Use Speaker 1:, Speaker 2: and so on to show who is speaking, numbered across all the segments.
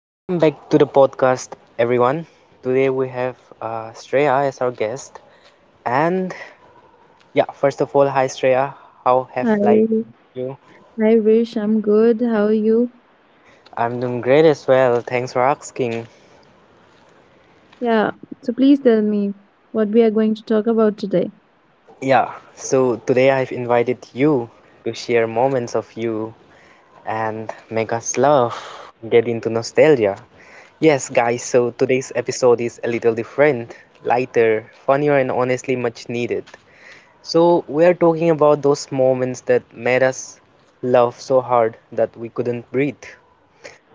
Speaker 1: Welcome back to the podcast, everyone. Today we have Shreya as our guest. And yeah, first of all, hi Shreya. How have life
Speaker 2: Hi,
Speaker 1: been you?
Speaker 2: hi Vish, I'm good. How are you?
Speaker 1: I'm doing great as well. Thanks for asking.
Speaker 2: Yeah, so please tell me what we are going to talk about today.
Speaker 1: Yeah, so today I've invited you to share moments of you and make us laugh, get into nostalgia. Yes, guys, so today's episode is a little different, lighter, funnier, and honestly much needed. So, we're talking about those moments that made us laugh so hard that we couldn't breathe.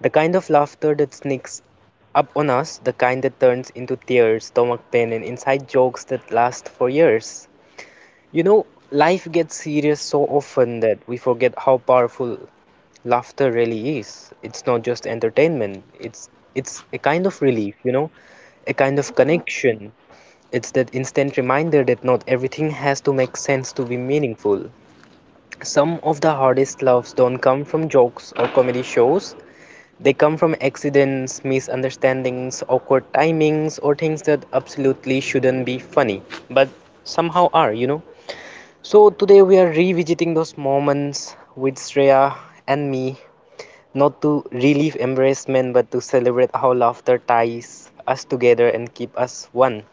Speaker 1: The kind of laughter that sneaks up on us, the kind that turns into tears, stomach pain, and inside jokes that last for years. You know, life gets serious so often that we forget how powerful laughter really is. It's not just entertainment, it's a kind of relief, a kind of connection. It's that instant reminder that not everything has to make sense to be meaningful. Some of the hardest laughs don't come from jokes or comedy shows. They come from accidents, misunderstandings, awkward timings, or things that absolutely shouldn't be funny, but somehow are. So today we are revisiting those moments with Shreya and me, not to relieve embarrassment, but to celebrate how laughter ties us together and keep us one.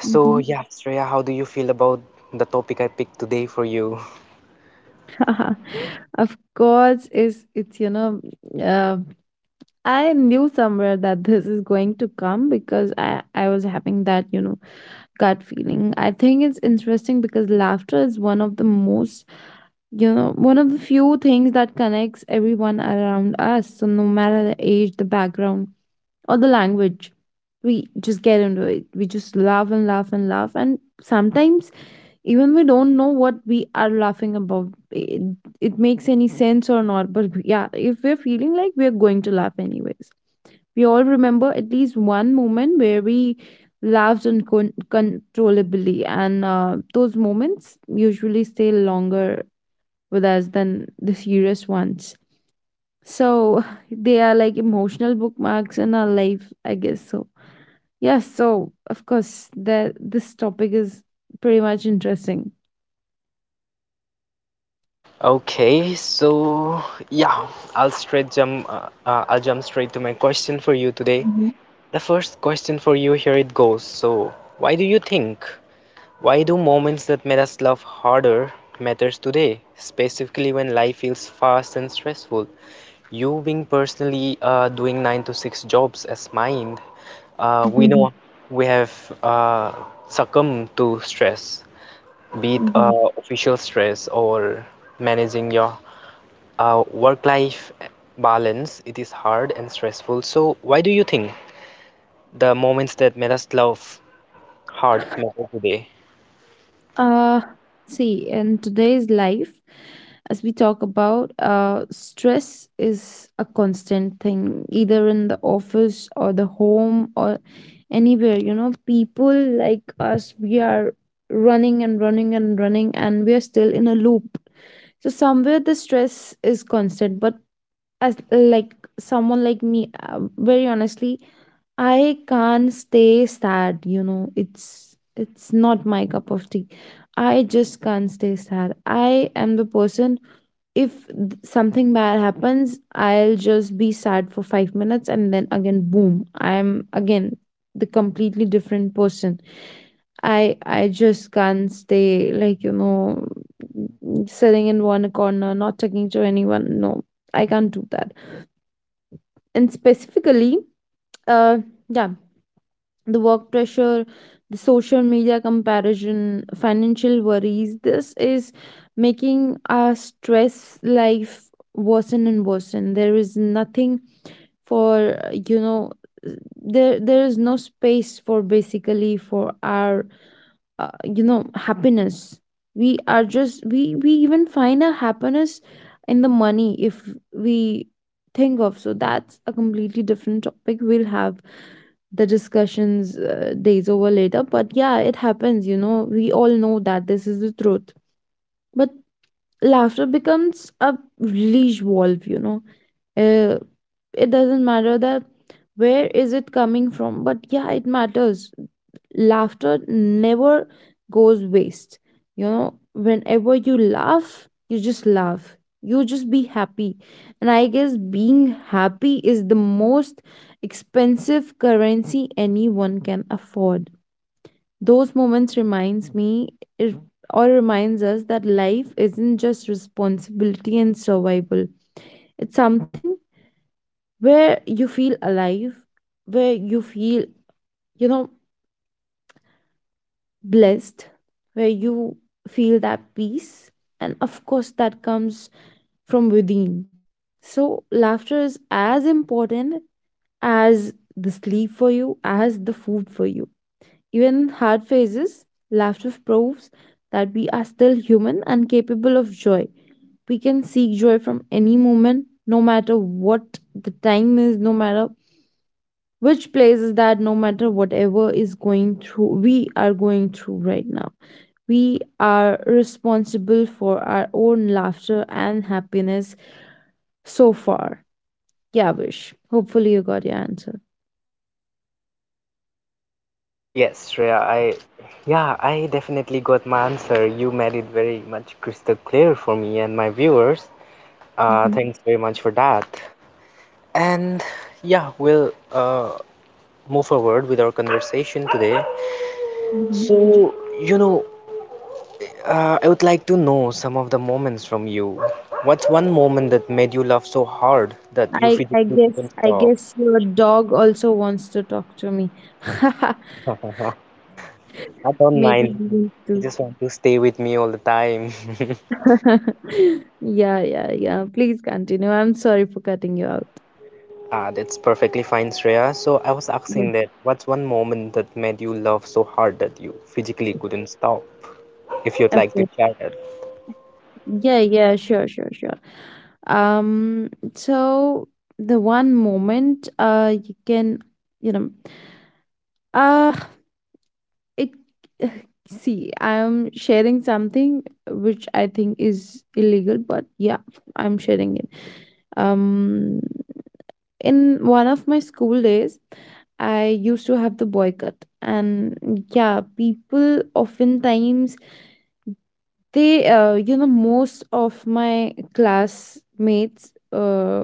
Speaker 1: So
Speaker 2: Hmm.
Speaker 1: yeah, Shreya, how do you feel about the topic I picked today for you?
Speaker 2: Of course, is it's you know, uh, I knew somewhere that this is going to come because I was having that, you know, gut feeling. I think it's interesting because laughter is one of the most, you know, one of the few things that connects everyone around us. So no matter the age, the background or the language. We just get into it. We just laugh and laugh and laugh. And sometimes, even we don't know what we are laughing about. It makes any sense or not. But yeah, if we're feeling like we're going to laugh anyways. We all remember at least one moment where we laughed uncontrollably. And those moments usually stay longer with us than the serious ones. So they are like emotional bookmarks in our life, I guess so. Yes, so of course, the this topic is pretty much interesting.
Speaker 1: Okay, so yeah, I'll straight jump. I'll jump straight to my question for you today.
Speaker 2: Mhm,
Speaker 1: The first question for you here it goes. So, why do you think? Why do moments that made us love harder matters today, specifically when life feels fast and stressful? You being personally doing 9 to 6 jobs as mine, we
Speaker 2: mhm,
Speaker 1: know we have uh, succumbed to stress, be it
Speaker 2: mhm.
Speaker 1: official stress or managing your work-life balance, it is hard and stressful, so why do you think the moments that made us love hard matter today?
Speaker 2: Uh, See, in today's life, as we talk about, stress is a constant thing, either in the office or the home or anywhere. You know, people like us, we are running and running and running, and we are still in a loop. So somewhere the stress is constant, but as like someone like me, very honestly, I can't stay sad. You know, it's not my cup of tea. I just can't stay sad. I am the person, if something bad happens, I'll just be sad for 5 minutes and then again boom, I'm again the completely different person. I just can't stay like, you know, sitting in one corner not talking to anyone. No, I can't do that. And specifically, uh yeah, the work pressure, the social media comparison, financial worries, this is making our stress life worsen and worsen. There is nothing for, you know, there is no space for basically for our, you know, happiness. We are just we we even find our happiness in the money if we think of. So that's a completely different topic. We'll have the discussions days over later, but yeah, it happens. You know, we all know that this is the truth. But laughter becomes a release valve, you know. uh, it doesn't matter that where is it coming from, but yeah, it matters. Laughter never goes waste, you know. Whenever you laugh, you just laugh, you just be happy. And I guess being happy is the most expensive currency anyone can afford. Those moments reminds me it- or reminds us that life isn't just responsibility and survival. It's something where you feel alive, where you feel, you know, blessed, where you feel that peace, and of course that comes from within. So laughter is as important as the sleep for you, as the food for you. Even hard phases, laughter proves that we are still human and capable of joy. We can seek joy from any moment, no matter what the time is, no matter which place is that, no matter whatever is going through, we are going through right now. We are responsible for our own laughter and happiness so far. Yeah, Vish. Hopefully, you got your answer.
Speaker 1: Yes, Shreya, I yeah, I definitely got my answer. You made it very much crystal clear for me and my viewers.
Speaker 2: Hmm.
Speaker 1: Thanks very much for that. And yeah, we'll move forward with our conversation today.
Speaker 2: Hmm.
Speaker 1: So, you know, I would like to know some of the moments from you. What's one moment that made you laugh so hard that you
Speaker 2: I I
Speaker 1: physically
Speaker 2: guess
Speaker 1: couldn't
Speaker 2: I
Speaker 1: stop?
Speaker 2: guess your dog also wants to talk to me.
Speaker 1: I don't
Speaker 2: Maybe
Speaker 1: mind.
Speaker 2: he needs
Speaker 1: You
Speaker 2: to.
Speaker 1: just want to stay with me all the time.
Speaker 2: Yeah, yeah, yeah. Please continue. I'm sorry for cutting you out.
Speaker 1: Ah, that's perfectly fine, Shreya. So I was
Speaker 2: Yeah.
Speaker 1: asking that what's one moment that made you laugh so hard that you physically couldn't stop? If you'd like to
Speaker 2: Okay.
Speaker 1: share it.
Speaker 2: Yeah, yeah, sure, sure, sure. Um, so the one moment, you can, you know, uh it see, I'm sharing something which I think is illegal, but yeah, I'm sharing it. Um in one of my school days, I used to have the boycott, and yeah, people oftentimes they, you know, most of my classmates,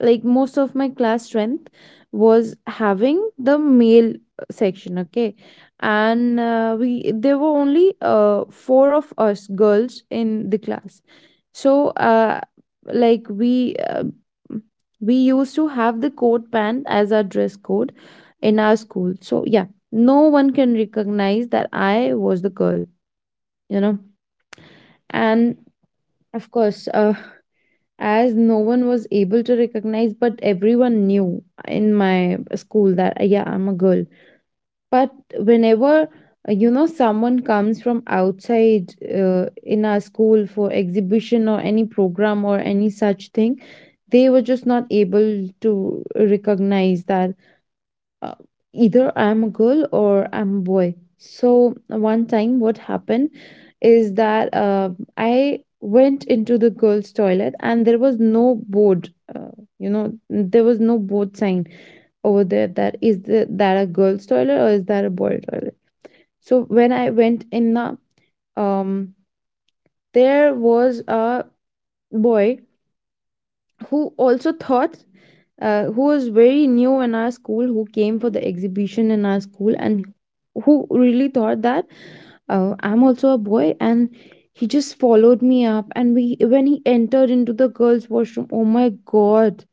Speaker 2: like most of my class strength was having the male section, okay. And we there were only four of us girls in the class. So like we uh, we used to have the coat pant as our dress code in our school. So yeah, no one can recognize that I was the girl, you know. And of course, as no one was able to recognize, but everyone knew in my school that yeah, I'm a girl. But whenever, you know, someone comes from outside, in our school for exhibition or any program or any such thing, they were just not able to recognize that, uh, either I'm a girl or I'm a boy. So one time, what happened is that, I went into the girls' toilet and there was no board. You know, there was no board sign over there that a girls' toilet or is that a boy toilet. So when I went in the, um, there was a boy who also thought, who was very new in our school, who came for the exhibition in our school, and who really thought that, I'm also a boy. And he just followed me up. And we when he entered into the girls washroom, oh my god,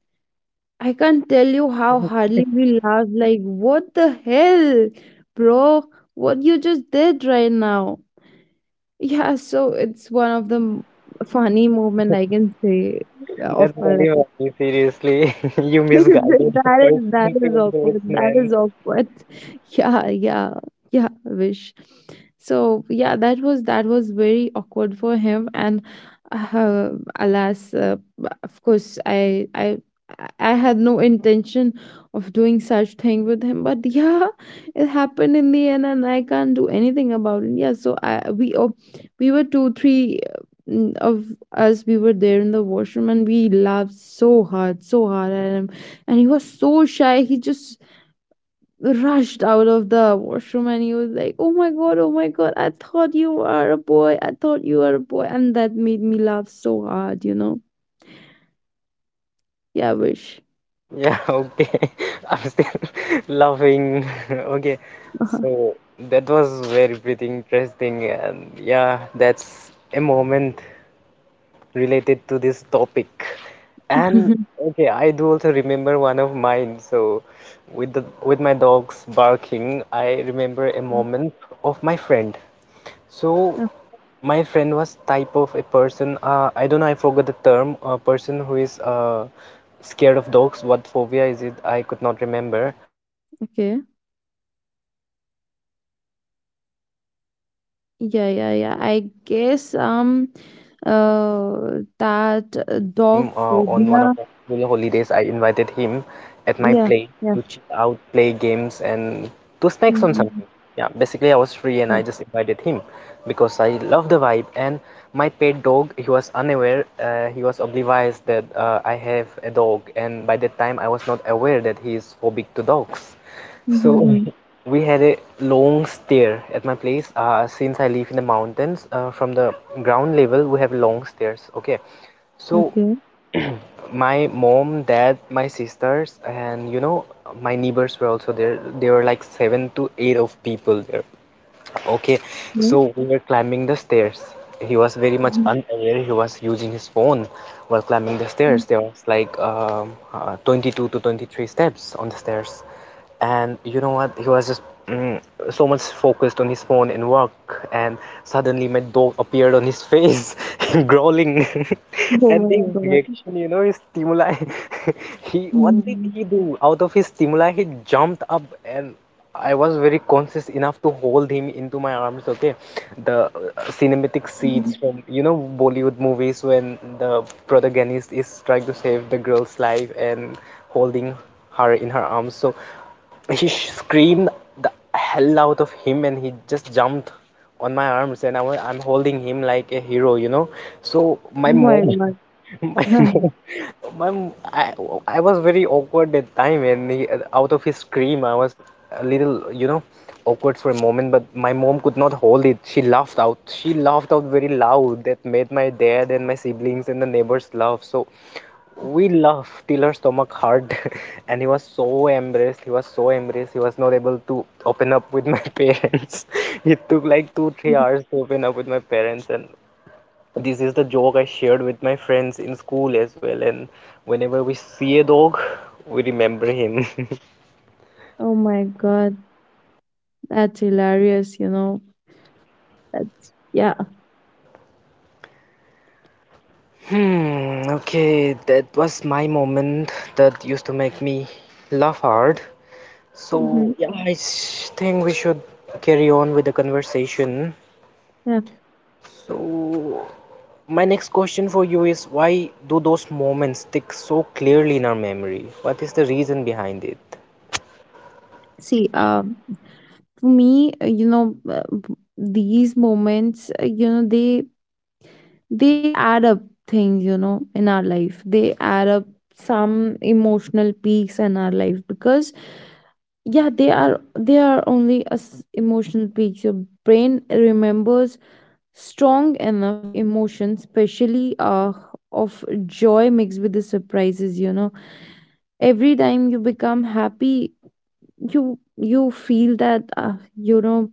Speaker 2: I can't tell you how hardly we laughed. Like, what the hell, bro, what you just did right now. Yeah, so it's one of the funny moment I can say of
Speaker 1: That's
Speaker 2: my
Speaker 1: really
Speaker 2: life.
Speaker 1: funny, seriously. You misguided a
Speaker 2: That
Speaker 1: person
Speaker 2: is, that
Speaker 1: into
Speaker 2: is awkward. That
Speaker 1: embarrassment.
Speaker 2: is awkward. Yeah, yeah, yeah. Wish. So yeah, that was very awkward for him, and uh, alas, uh, of course, I had no intention of doing such thing with him, but yeah, it happened in the end, and I can't do anything about it. Yeah, so I, we, oh, we were two, three of us, we were there in the washroom, and we laughed so hard, so hard at him. And he was so shy, he just rushed out of the washroom, and he was like, oh my god, oh my god, I thought you were a boy, I thought you were a boy. And that made me laugh so hard, you know. Yeah, Wish.
Speaker 1: Yeah, okay. I'm still laughing. Okay,
Speaker 2: Uh-huh.
Speaker 1: so that was very pretty interesting, and yeah, that's a moment related to this topic. And okay, I do also remember one of mine. So, with my dogs barking, I remember a moment of my friend. So
Speaker 2: Yeah,
Speaker 1: my friend was type of a person. I don't know. I forgot the term. A person who is scared of dogs. What phobia is it? I could not remember.
Speaker 2: okay,
Speaker 1: So he was very much scared of dogs. Okay, and
Speaker 2: yeah,
Speaker 1: he
Speaker 2: yeah,
Speaker 1: was
Speaker 2: yeah,
Speaker 1: really
Speaker 2: I
Speaker 1: new.
Speaker 2: guess
Speaker 1: Uh, to me, and I
Speaker 2: that
Speaker 1: invited
Speaker 2: dog
Speaker 1: him on one of
Speaker 2: phobia.
Speaker 1: the school holidays, I invited him at my
Speaker 2: Yeah,
Speaker 1: place
Speaker 2: yeah.
Speaker 1: to chill out, play games, and to snacks on
Speaker 2: Mm-hmm.
Speaker 1: something. Yeah, basically I was free and I
Speaker 2: Yeah.
Speaker 1: just invited him because I love the vibe. And my pet dog, he was unaware, he was oblivious that I have a dog, and by that time I was not aware that he is phobic to dogs. So
Speaker 2: Mm-hmm.
Speaker 1: we had a long stair at my place. Since I live in the mountains, from the ground level we have long stairs. Okay, so
Speaker 2: Okay.
Speaker 1: my mom, dad, my sisters, and my neighbors were also there. There were like seven to eight of people there. Okay,
Speaker 2: Yeah.
Speaker 1: so we were climbing the stairs. He was very much
Speaker 2: Mhm.
Speaker 1: unaware. He was using his phone while climbing the stairs. There was like 22 to 23 steps on the stairs. And you know what? He was just mm, so much focused on his phone and work. And suddenly my dog appeared on his face, growling.
Speaker 2: Oh
Speaker 1: And
Speaker 2: my
Speaker 1: the
Speaker 2: god.
Speaker 1: reaction, his stimuli. He, what did
Speaker 2: Mhm.
Speaker 1: he do? Out of his stimuli, he jumped up, and I was very conscious enough to hold him into my arms. Okay, the cinematic scenes
Speaker 2: Mhm.
Speaker 1: from Bollywood movies when the protagonist is trying to save the girl's life and holding her in her arms. So he screamed the hell out of him, and he just jumped on my arms, and I'm holding him like a hero. So my
Speaker 2: Oh
Speaker 1: mom.
Speaker 2: my
Speaker 1: My
Speaker 2: god.
Speaker 1: mom, my mom- I, I was very awkward that time, and he, out of his scream, I was a little, awkward for a moment. But my mom could not hold it. She laughed out. She laughed out very loud. That made my dad and my siblings and the neighbors laugh. So we laughed till her stomach hurt, and he was so embarrassed. He was so embarrassed. He was not able to open up with my parents. It took like two, three hours to open up with my parents, and this is the joke I shared with my friends in school as well, and whenever we see a dog, we remember him.
Speaker 2: Oh my god, that's hilarious, you know. That's, yeah.
Speaker 1: Okay, that was my moment that used to make me laugh hard.
Speaker 2: Hmm.
Speaker 1: So, yeah, I think we should carry on with the conversation.
Speaker 2: Yeah.
Speaker 1: So, my next question for you is, why do those moments stick so clearly in our memory? What is the reason behind it?
Speaker 2: See, for me, you know, these moments, you know, they add up things, you know, in our life. They add up some emotional peaks in our life because yeah, they are only as emotional peaks. Your brain remembers strong enough emotion, especially of joy mixed with the surprises, you know. Every time you become happy, you feel that, you know,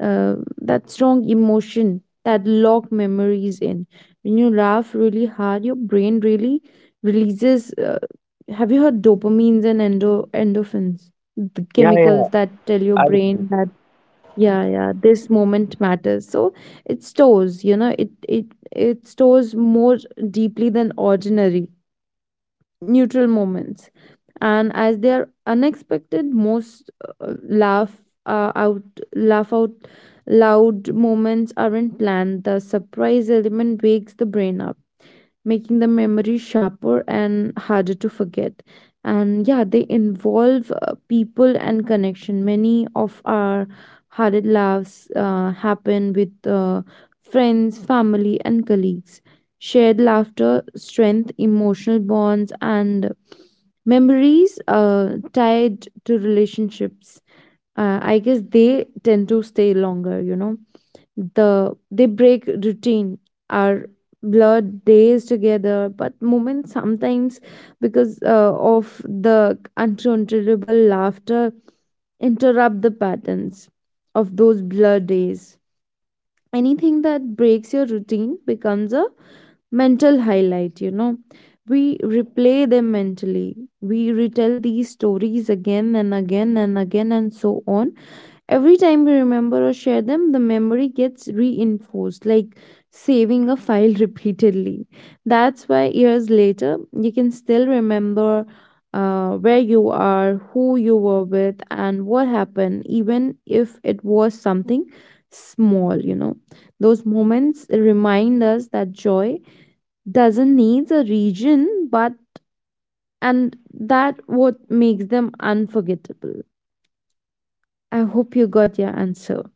Speaker 2: uh, that strong emotion that lock memories in. When you laugh really hard, your brain really releases, have you heard dopamines and endorphins, the
Speaker 1: Yeah, yeah.
Speaker 2: chemicals that tell your
Speaker 1: I
Speaker 2: brain that yeah, yeah, this moment matters. So it stores, you know, it stores more deeply than ordinary neutral moments. And as they are unexpected, most uh, laugh uh, out laugh out loud moments aren't planned. The surprise element wakes the brain up, making the memory sharper and harder to forget. And yeah, they involve people and connection. Many of our hardest laughs happen with friends, family, and colleagues. Shared laughter, strength, emotional bonds, and memories tied to relationships. I guess they tend to stay longer, you know. They break routine. Are blurred days together, but moments sometimes, because of the uncontrollable laughter, interrupt the patterns of those blurred days. Anything that breaks your routine becomes a mental highlight, you know. We replay them mentally, we retell these stories again and again and again and so on. Every time we remember or share them, the memory gets reinforced, like saving a file repeatedly. That's why years later, you can still remember where you are, who you were with, and what happened, even if it was something small, you know. Those moments remind us that joy doesn't need a region, but and that what makes them unforgettable. I hope you got your answer.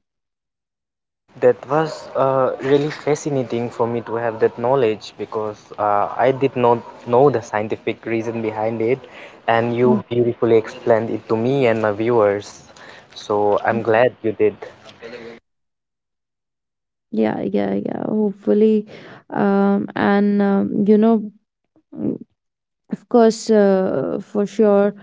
Speaker 1: That was really fascinating for me to have that knowledge because I did not know the scientific reason behind it, and you beautifully explained it to me and my viewers. So I'm glad you did.
Speaker 2: Yeah, yeah, yeah. Hopefully, and you know, mm, of course,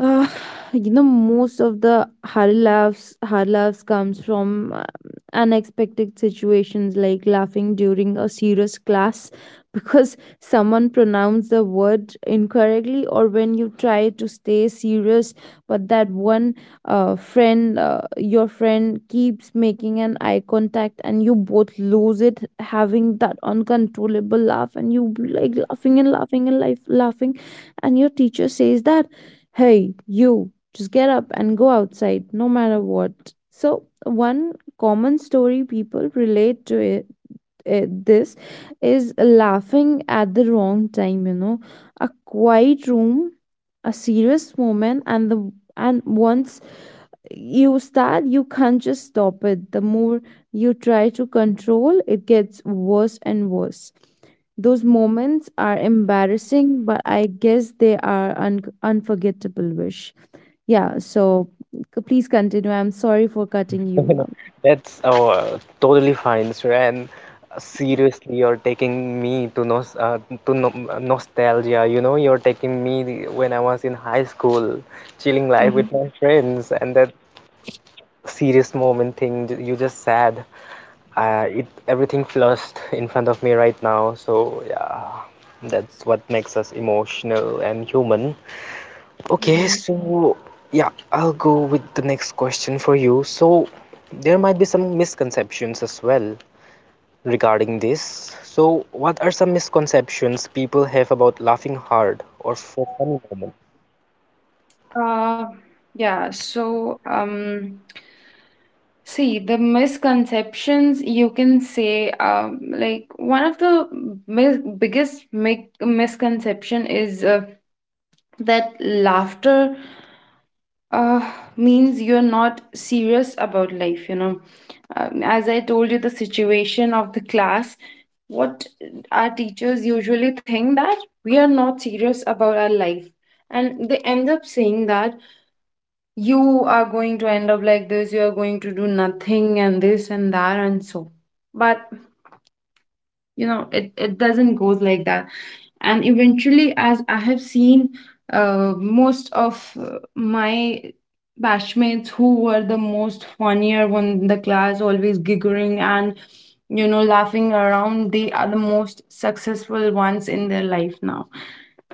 Speaker 2: uh, you know, most of the hard laughs comes from unexpected situations, like laughing during a serious class because someone pronounced the word incorrectly, or when you try to stay serious, but that one your friend keeps making an eye contact, and you both lose it, having that uncontrollable laugh, and you like laughing and laughing and life laughing, and your teacher says that, hey, you, just get up and go outside, no matter what. So, one common story people relate to it, this is laughing at the wrong time, you know. A quiet room, a serious moment, and the and once you start, you can't just stop it. The more you try to control, it gets worse and worse. Those moments are embarrassing, but I guess they are unforgettable, Wish. Yeah, so please continue. I'm sorry for cutting you out.
Speaker 1: That's totally fine, sir. And
Speaker 2: Yeah.
Speaker 1: seriously, you're taking me to nos to no nostalgia. You know, you're taking me when I was in high school, chilling life with
Speaker 2: Um,
Speaker 1: my friends, and that serious moment thing you just sad. It everything flushed in front of me right now. So yeah, that's what makes us emotional and human. Okay, so yeah, I'll go with the next question for you. So there might be some misconceptions as well regarding this. So what are some misconceptions people have about laughing hard or for funny moments?
Speaker 2: Uh, yeah, so see, the misconceptions you can say, like one of the mi biggest mi misconception is, laughter, uh, means you're not serious about life, you know. As I told you, the situation of the class, what our teachers usually think, that we are not serious about our life, and they end up saying that you are going to end up like this, you are going to do nothing and this and that and so. But you know, it doesn't go like that. And eventually, as I have seen, most of my batchmates who were the most funnier one in the class, always giggling and, you know, laughing around, they are the most successful ones in their life now.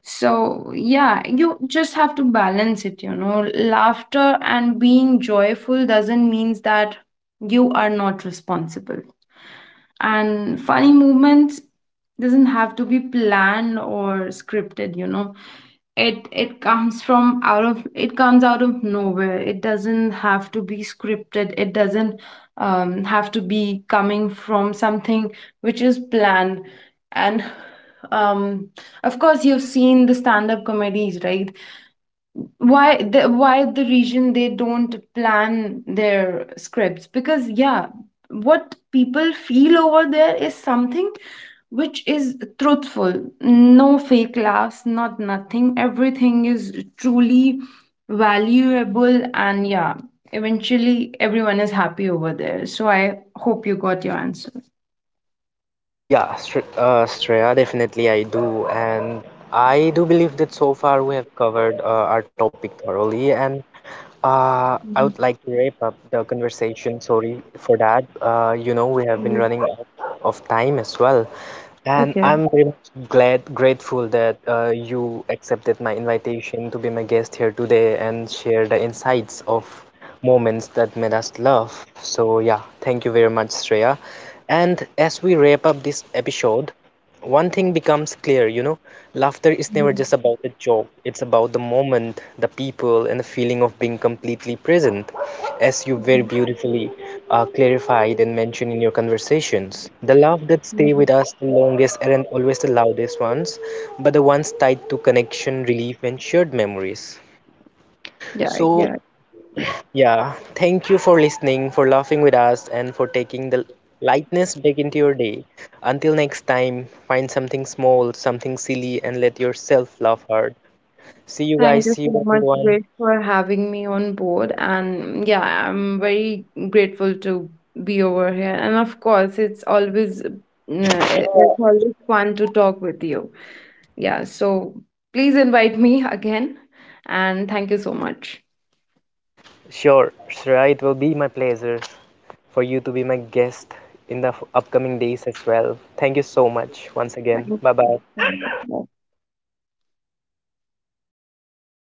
Speaker 2: So, yeah, you just have to balance it, you know. Laughter and being joyful doesn't mean that you are not responsible. And funny movements doesn't have to be planned or scripted, you know. It comes from out of it comes out of nowhere. It doesn't have to be scripted. It doesn't have to be coming from something which is planned. And um of course, you've seen the stand-up comedies, right? Why the reason they don't plan their scripts? Because yeah, what people feel over there is something which is truthful. No fake laughs, not nothing. Everything is truly valuable, and yeah, eventually everyone is happy over there. So I hope you got your answer.
Speaker 1: Yeah, Shreya, definitely I do. And I do believe that so far we have covered our topic thoroughly. And I would
Speaker 2: Mhm.
Speaker 1: like to wrap up the conversation. Sorry for that. We have been
Speaker 2: Yeah.
Speaker 1: running out of time as well. And
Speaker 2: Okay.
Speaker 1: I'm very much glad, grateful that you accepted my invitation to be my guest here today and share the insights of moments that made us laugh. So, yeah, thank you very much, Shreya. And as we wrap up this episode, one thing becomes clear. Laughter is never just
Speaker 2: Mhm.
Speaker 1: about the joke, it's about the moment, the people, and the feeling of being completely present, as you very beautifully clarified and mentioned in your conversations. The love that stay
Speaker 2: Mhm.
Speaker 1: with us the longest aren't always the loudest ones, but the ones tied to connection, relief, and shared memories.
Speaker 2: Yeah,
Speaker 1: So,
Speaker 2: yeah.
Speaker 1: yeah, thank you for listening, for laughing with us, and for taking the lightness back into your day. Until next time, find something small, something silly, and let yourself laugh hard. See you
Speaker 2: Thank
Speaker 1: guys,
Speaker 2: you
Speaker 1: see
Speaker 2: so
Speaker 1: you
Speaker 2: much,
Speaker 1: everyone.
Speaker 2: Grace, for having me on board. And yeah, I'm very grateful to be over here. And of course, it's always, it's always fun to talk with you. Yeah, so please invite me again. And thank you so much.
Speaker 1: Sure, Shreya, it will be my pleasure for you to be my guest in the upcoming days as well. Thank you so much once
Speaker 2: Thank
Speaker 1: again.
Speaker 2: you.
Speaker 1: Bye bye.
Speaker 2: Thank you.